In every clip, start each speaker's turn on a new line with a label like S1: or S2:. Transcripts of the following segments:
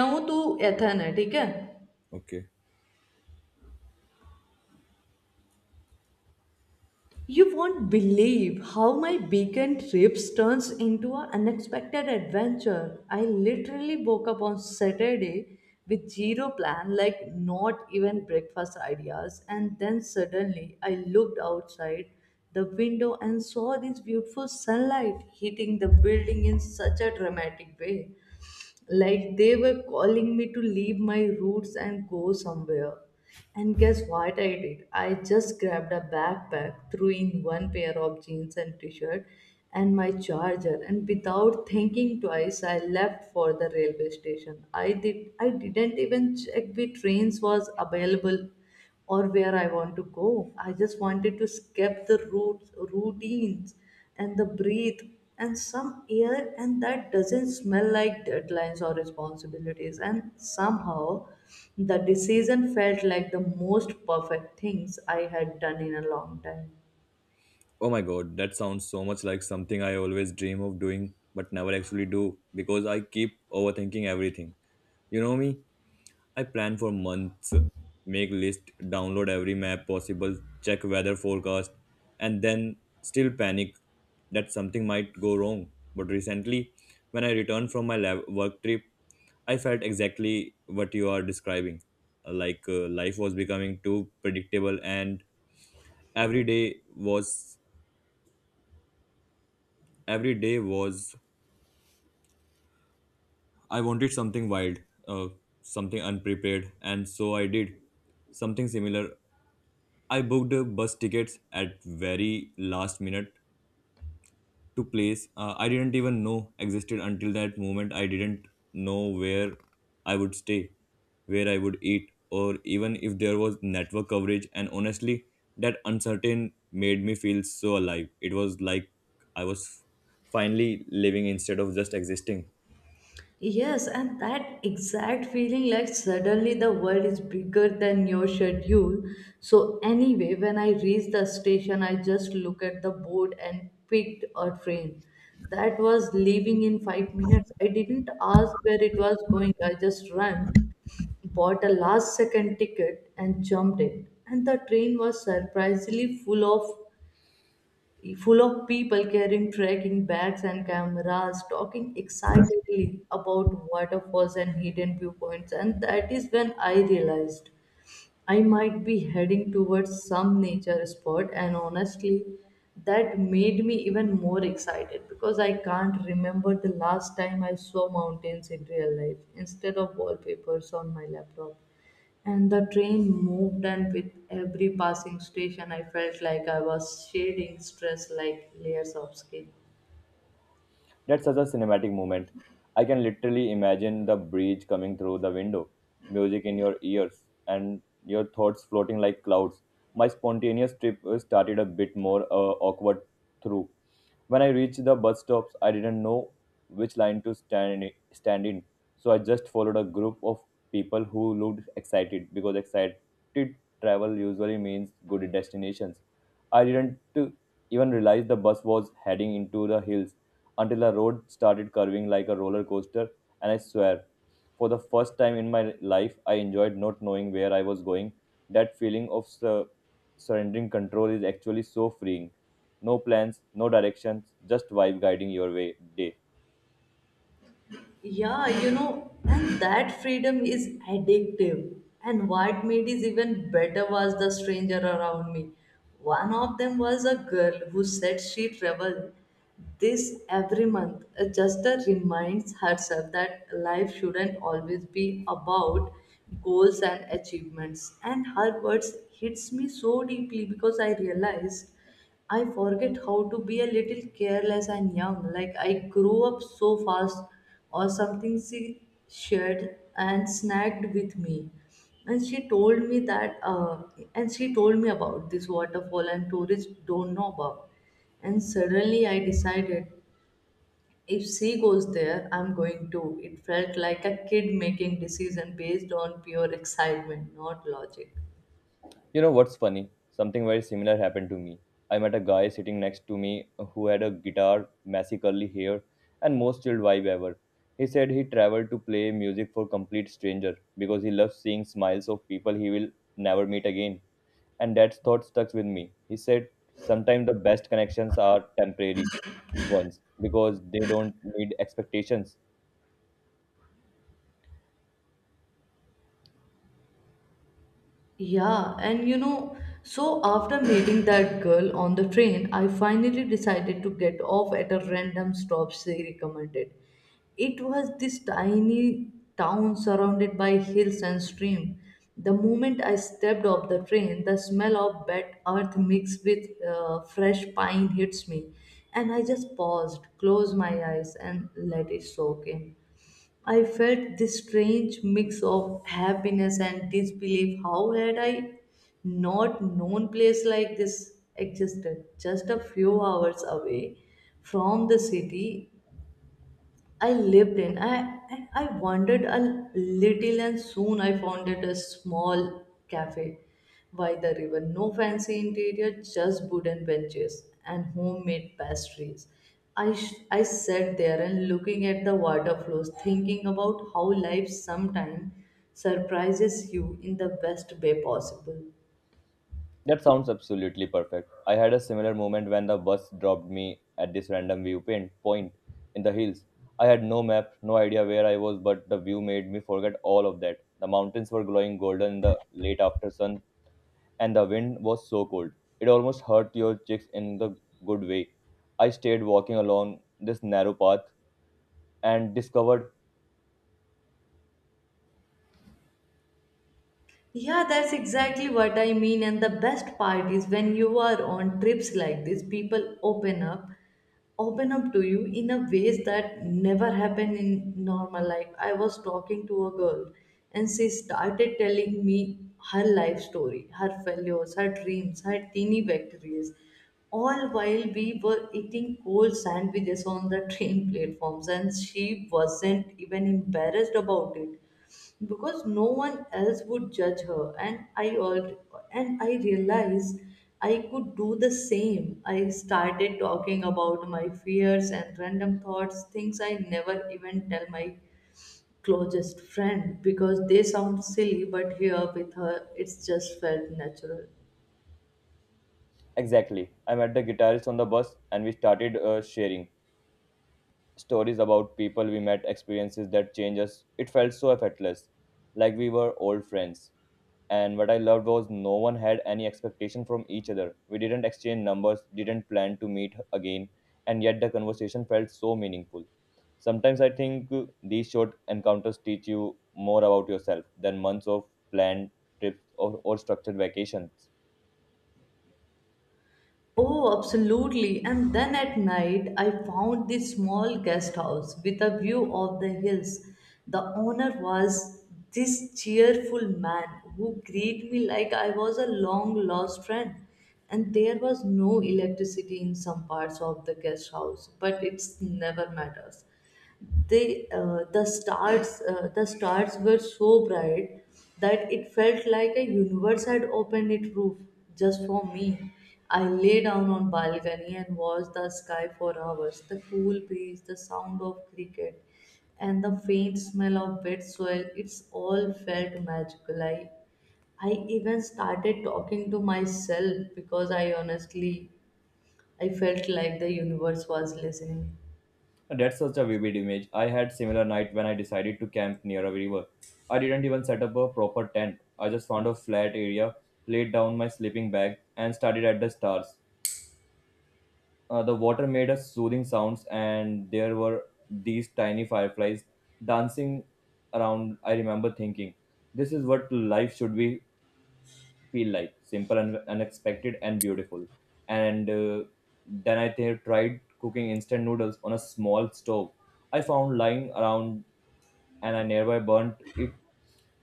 S1: नौ तो एथन है You won't
S2: Okay.
S1: believe how my weekend trips turns into an unexpected adventure. I literally woke up on saturday with zero plan, like not even breakfast ideas, and then suddenly I looked outside the window and saw this beautiful sunlight hitting the building in such a dramatic way. Like they were calling me to leave my roots and go somewhere. And guess what I did? I just grabbed a backpack, threw in one pair of jeans and t shirt and my charger, and without thinking twice I left for the railway station. I didn't even check which trains was available or where I want to go. I just wanted to skip the routines and the breathe and some air and that doesn't smell like deadlines or responsibilities, and somehow the decision felt like the most perfect things I had done in a long time.
S2: Oh my god, that sounds so much like something I always dream of doing but never actually do because I keep overthinking everything. You know me? I plan for months, make list, download every map possible, check weather forecast, and then still panic that something might go wrong. But recently, when I returned from my lab work trip, I felt exactly what you are describing. Like life was becoming too predictable and every day was every day was I wanted something wild, uh, something unprepared, and so I did something similar. I booked bus tickets at very last minute to place I didn't even know existed until that moment. I didn't know where I would stay, where I would eat, or even if there was network coverage. And honestly, that uncertain made me feel so alive. It was like I was finally living instead of just existing.
S1: Yes, and that exact feeling, like suddenly the world is bigger than your schedule. So, anyway, when I reached the station, I just looked at the board and picked a train that was leaving in 5 minutes. I didn't ask where it was going, I just ran, bought a last second ticket, and jumped in. And the train was surprisingly full of people carrying trekking bags and cameras, talking excitedly about waterfalls and hidden viewpoints. And that is when I realized I might be heading towards some nature spot, and honestly, that made me even more excited because I can't remember the last time I saw mountains in real life instead of wallpapers on my laptop. And the train moved, and with every passing station, I felt like I was shedding stress like layers of skin.
S2: That's such a cinematic moment. I can literally imagine the breeze coming through the window, music in your ears, and your thoughts floating like clouds. My spontaneous trip started a bit more awkward through when I reached the bus stops, I didn't know which line to stand in. So I just followed a group of people who looked excited because excited travel usually means good destinations. I didn't even realize the bus was heading into the hills until the road started curving like a roller coaster, and I swear, for the first time in my life, I enjoyed not knowing where I was going. That feeling of surrendering control is actually so freeing. No plans, no directions, just vibe guiding your way day.
S1: Yeah, you know, and that freedom is addictive. And what made it even better was the stranger around me. One of them was a girl who said she traveled this every month. Just reminds herself that life shouldn't always be about goals and achievements. And her words hits me so deeply because I realized I forget how to be a little careless and young. Like I grew up so fast, or something she shared and snagged with me. And she told me that, uh, and she told me about this waterfall, and tourists don't know about. And suddenly I decided if she goes there, I'm going too. It felt like a kid making decision based on pure excitement, not logic.
S2: You know what's funny? Something very similar happened to me. I met a guy sitting next to me who had a guitar, messy curly hair, and most chilled vibe ever. He said he traveled to play music for complete stranger because he loves seeing smiles of people he will never meet again. And that thought stuck with me. He said, "Sometimes the best connections are temporary ones because they don't need expectations."
S1: Yeah, and you know, so after meeting that girl on the train, I finally decided to get off at a random stop she recommended. It was this tiny town surrounded by hills and stream. The moment I stepped off the train, the smell of wet earth mixed with fresh pine hits me, and I just paused, closed my eyes, and let it soak in. I felt this strange mix of happiness and disbelief. How had I not known place like this existed? Just a few hours away from the city, I lived in. I And I wandered a little, and soon I found it a small cafe by the river. No fancy interior, just wooden benches and homemade pastries. I sat there and looking at the water flows, thinking about how life sometimes surprises you in the best way possible.
S2: That sounds absolutely perfect. I had a similar moment when the bus dropped me at this random viewpoint point in the hills. I had no map, no idea where I was, but the view made me forget all of that. The mountains were glowing golden in the late after sun, and the wind was so cold. It almost hurt your cheeks in the good way. I stayed walking along this narrow path and discovered
S1: Yeah, that's exactly what I mean. And the best part is when you are on trips like this, people open up to you in a ways that never happen in normal life. I was talking to a girl and she started telling me her life story, her failures, her dreams, her teeny victories, all while we were eating cold sandwiches on the train platforms, and she wasn't even embarrassed about it because no one else would judge her. And I realized I could do the same. I started talking about my fears and random thoughts, things I never even tell my closest friend because they sound silly, but here with her it's just felt natural.
S2: exactly. I met the guitarist on the bus, and we started sharing stories about people we met, experiences that change us. It felt so effortless, like we were old friends. And what I loved was no one had any expectation from each other. We didn't exchange numbers, didn't plan to meet again, and yet the conversation felt so meaningful. Sometimes I think these short encounters teach you more about yourself than months of planned trips or structured vacations.
S1: Oh, absolutely. And then at night, I found this small guest house with a view of the hills. The owner was this cheerful man who greeted me like I was a long lost friend. And there was no electricity in some parts of the guest house, but it's never matters. The stars were so bright that it felt like a universe had opened its roof just for me. I lay down on balcony and watched the sky for hours, the cool breeze, the sound of cricket and the faint smell of wet soil, it's all felt magical. I even started talking to myself because I honestly I felt like the universe was listening.
S2: That's such a vivid image. I had similar night when I decided to camp near a river. I didn't even set up a proper tent. I just found a flat area, laid down my sleeping bag, and started at the stars. The water made a soothing sounds, and there were these tiny fireflies dancing around. I remember thinking, "This is what life should be feel like: simple and unexpected and beautiful." And then I tried cooking instant noodles on a small stove. I found lying around and I nearby burnt it.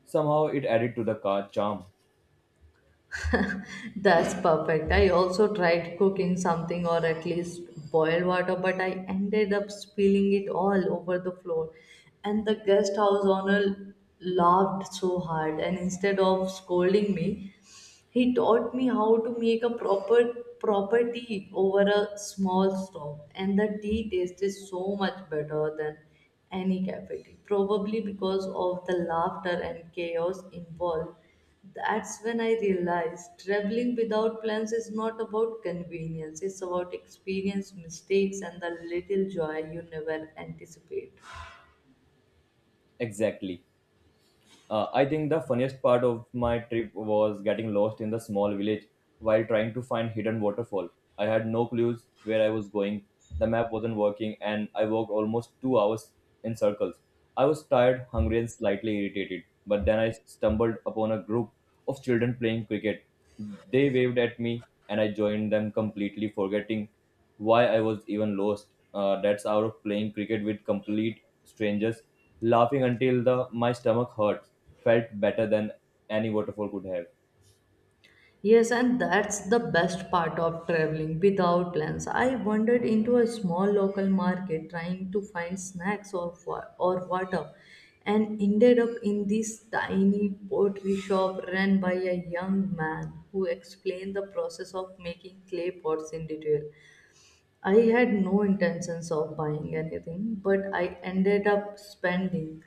S2: Somehow it added to the car charm.
S1: That's perfect. I also tried cooking something, or at least boil water, but I ended up spilling it all over the floor. And the guest house owner laughed so hard, and instead of scolding me, he taught me how to make a proper tea over a small stove, and the tea tasted so much better than any cafe tea. Probably because of the laughter and chaos involved. That's when I realized traveling without plans is not about convenience, it's about experience, mistakes, and the little joy you never anticipate.
S2: Exactly. I think the funniest part of my trip was getting lost in the small village while trying to find hidden waterfall. I had no clues where I was going. The map wasn't working and I walked almost 2 hours in circles. I was tired, hungry and slightly irritated, but then I stumbled upon a group of children playing cricket. They waved at me and I joined them completely forgetting why I was even lost. That's out of playing cricket with complete strangers, laughing until the my stomach hurt felt better than any waterfall could have.
S1: Yes, and that's the best part of traveling without plans. I wandered into a small local market trying to find or water, and ended up in this tiny pottery shop run by a young man who explained the process of making clay pots in detail. I had no intentions of buying anything, but I ended up spending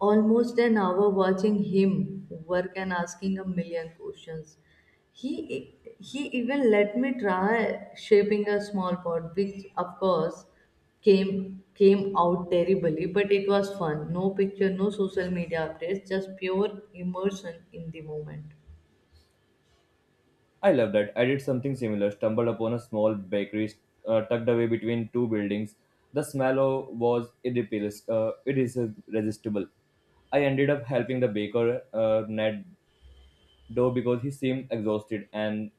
S1: almost an hour watching him work and asking a million questions. He he even let me try shaping a small pot, which of course came out terribly, but it was fun. No picture, no social media updates, just pure immersion in the moment.
S2: I love that. I did something similar, stumbled upon a small bakery tucked away between two buildings. The was irresistible. I ended up helping the baker knead dough because he seemed exhausted and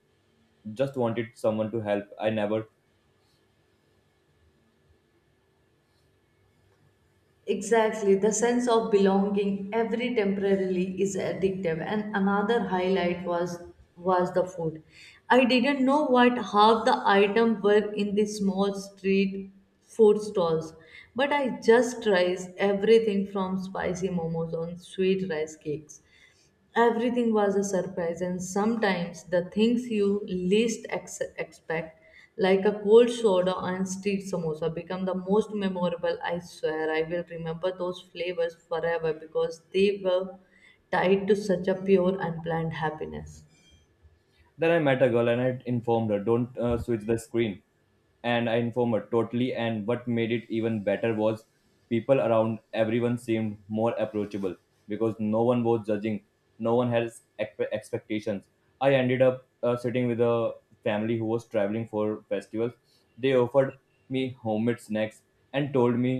S2: just wanted someone to help. I never.
S1: Exactly, the sense of belonging every temporarily is addictive. And another highlight was the food. I didn't know what half the item were in the small street food stalls, but I just tried everything from spicy momos on sweet rice cakes. Everything was a surprise, and sometimes the things you least expect, like a cold soda and street samosa, become the most memorable. I swear, I will remember those flavors forever because they were tied to such a pure, unplanned happiness.
S2: Then I met a girl and I informed her, don't switch the screen. And I informed totally. And what made it even better was people around everyone seemed more approachable because no one was judging, no one has expectations. I ended up sitting with a family who was traveling for festivals. They offered me homemade snacks and told me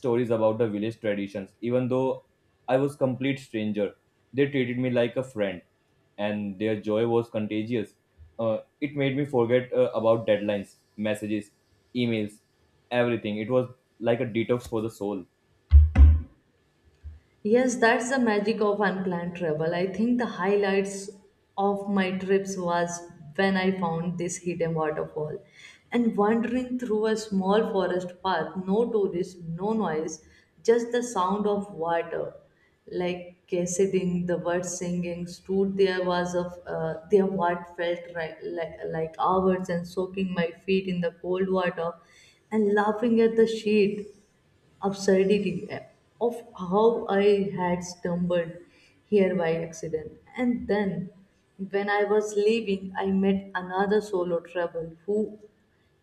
S2: stories about the village traditions. Even though I was complete stranger, they treated me like a friend, and their joy was contagious. Uh, it made me forget about deadlines, messages, emails, everything. It was like a detox for the soul.
S1: Yes, that's the magic of unplanned travel. I think the highlights of my trips was when I found this hidden waterfall and wandering through a small forest path, no tourists, no noise, just the sound of water. Like cascading, the birds singing, stood there was of their what felt right, like hours, and soaking my feet in the cold water and laughing at the sheet absurdity of how I had stumbled here by accident. And then, when I was leaving, I met another solo traveler who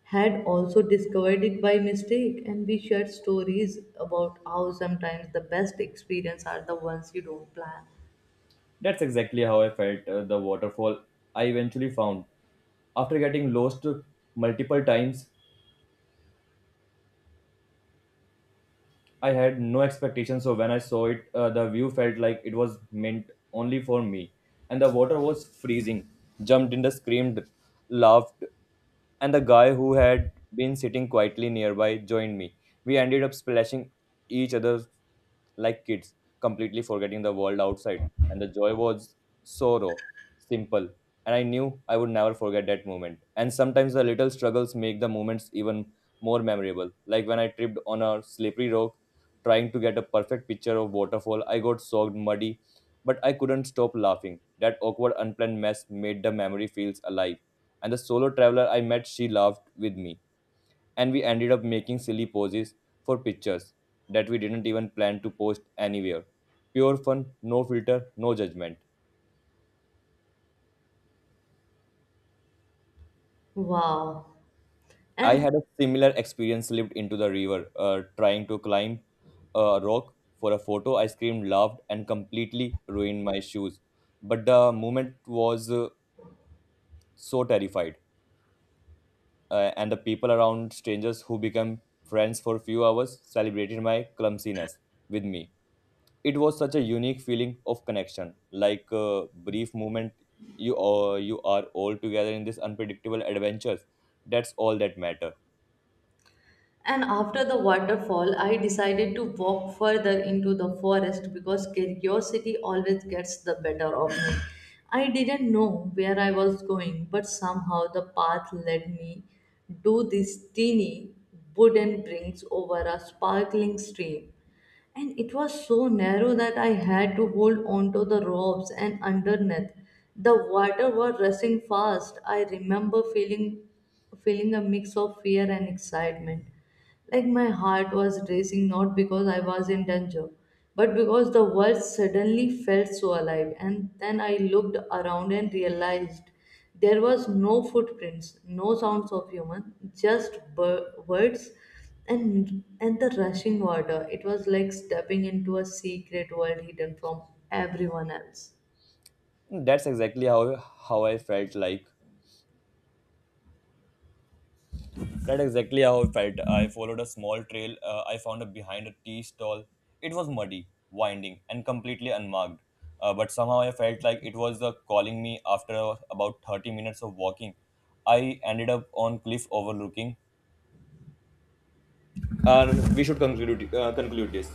S1: had also discovered it by mistake, and we shared stories about how sometimes the best experiences are the ones you don't plan.
S2: That's exactly how I felt the waterfall I eventually found. After getting lost multiple times, I had no expectations, so when I saw it, the view felt like it was meant only for me. And the water was freezing. Jumped in the screamed, laughed, and the guy who had been sitting quietly nearby joined me. We ended up splashing each other like kids, completely forgetting the world outside and the joy was so raw, simple, and I knew I would never forget that moment. And sometimes the little struggles make the moments even more memorable. Like when I tripped on a slippery rock trying to get a perfect picture of waterfall, I got soaked muddy, but I couldn't stop laughing. That awkward unplanned mess made the memory feels alive. And the solo traveler I met, she laughed with me and we ended up making silly poses for pictures that we didn't even plan to post anywhere. Pure fun, no filter, no judgment.
S1: Wow.
S2: I
S1: And
S2: had a similar experience slipped into the river trying to climb a rock for a photo. I screamed, laughed, and completely ruined my shoes. But the moment was so terrified. And the people around, strangers who become friends for a few hours, celebrated my clumsiness with me. It was such a unique feeling of connection, like a brief moment you are all together in this unpredictable adventures, that's all that matter.
S1: And after the waterfall, I decided to walk further into the forest because curiosity always gets the better of me. I didn't know where I was going, but somehow the path led me to this teeny wooden bridge over a sparkling stream, and it was so narrow that I had to hold onto the ropes, and underneath, the water was rushing fast. I remember feeling a mix of fear and excitement. Like my heart was racing, not because I was in danger, but because the world suddenly felt so alive. And then I looked around and realized there was no footprints, no sounds of human, just birds and the rushing water. It was like stepping into a secret world hidden from everyone else.
S2: That's exactly how I felt like, that's exactly how I felt. I followed a small trail I found a behind a tea stall. It was muddy, winding and completely unmarked, but somehow I felt like it was calling me. After about 30 minutes of walking I ended up on cliff overlooking uh, we should conclude this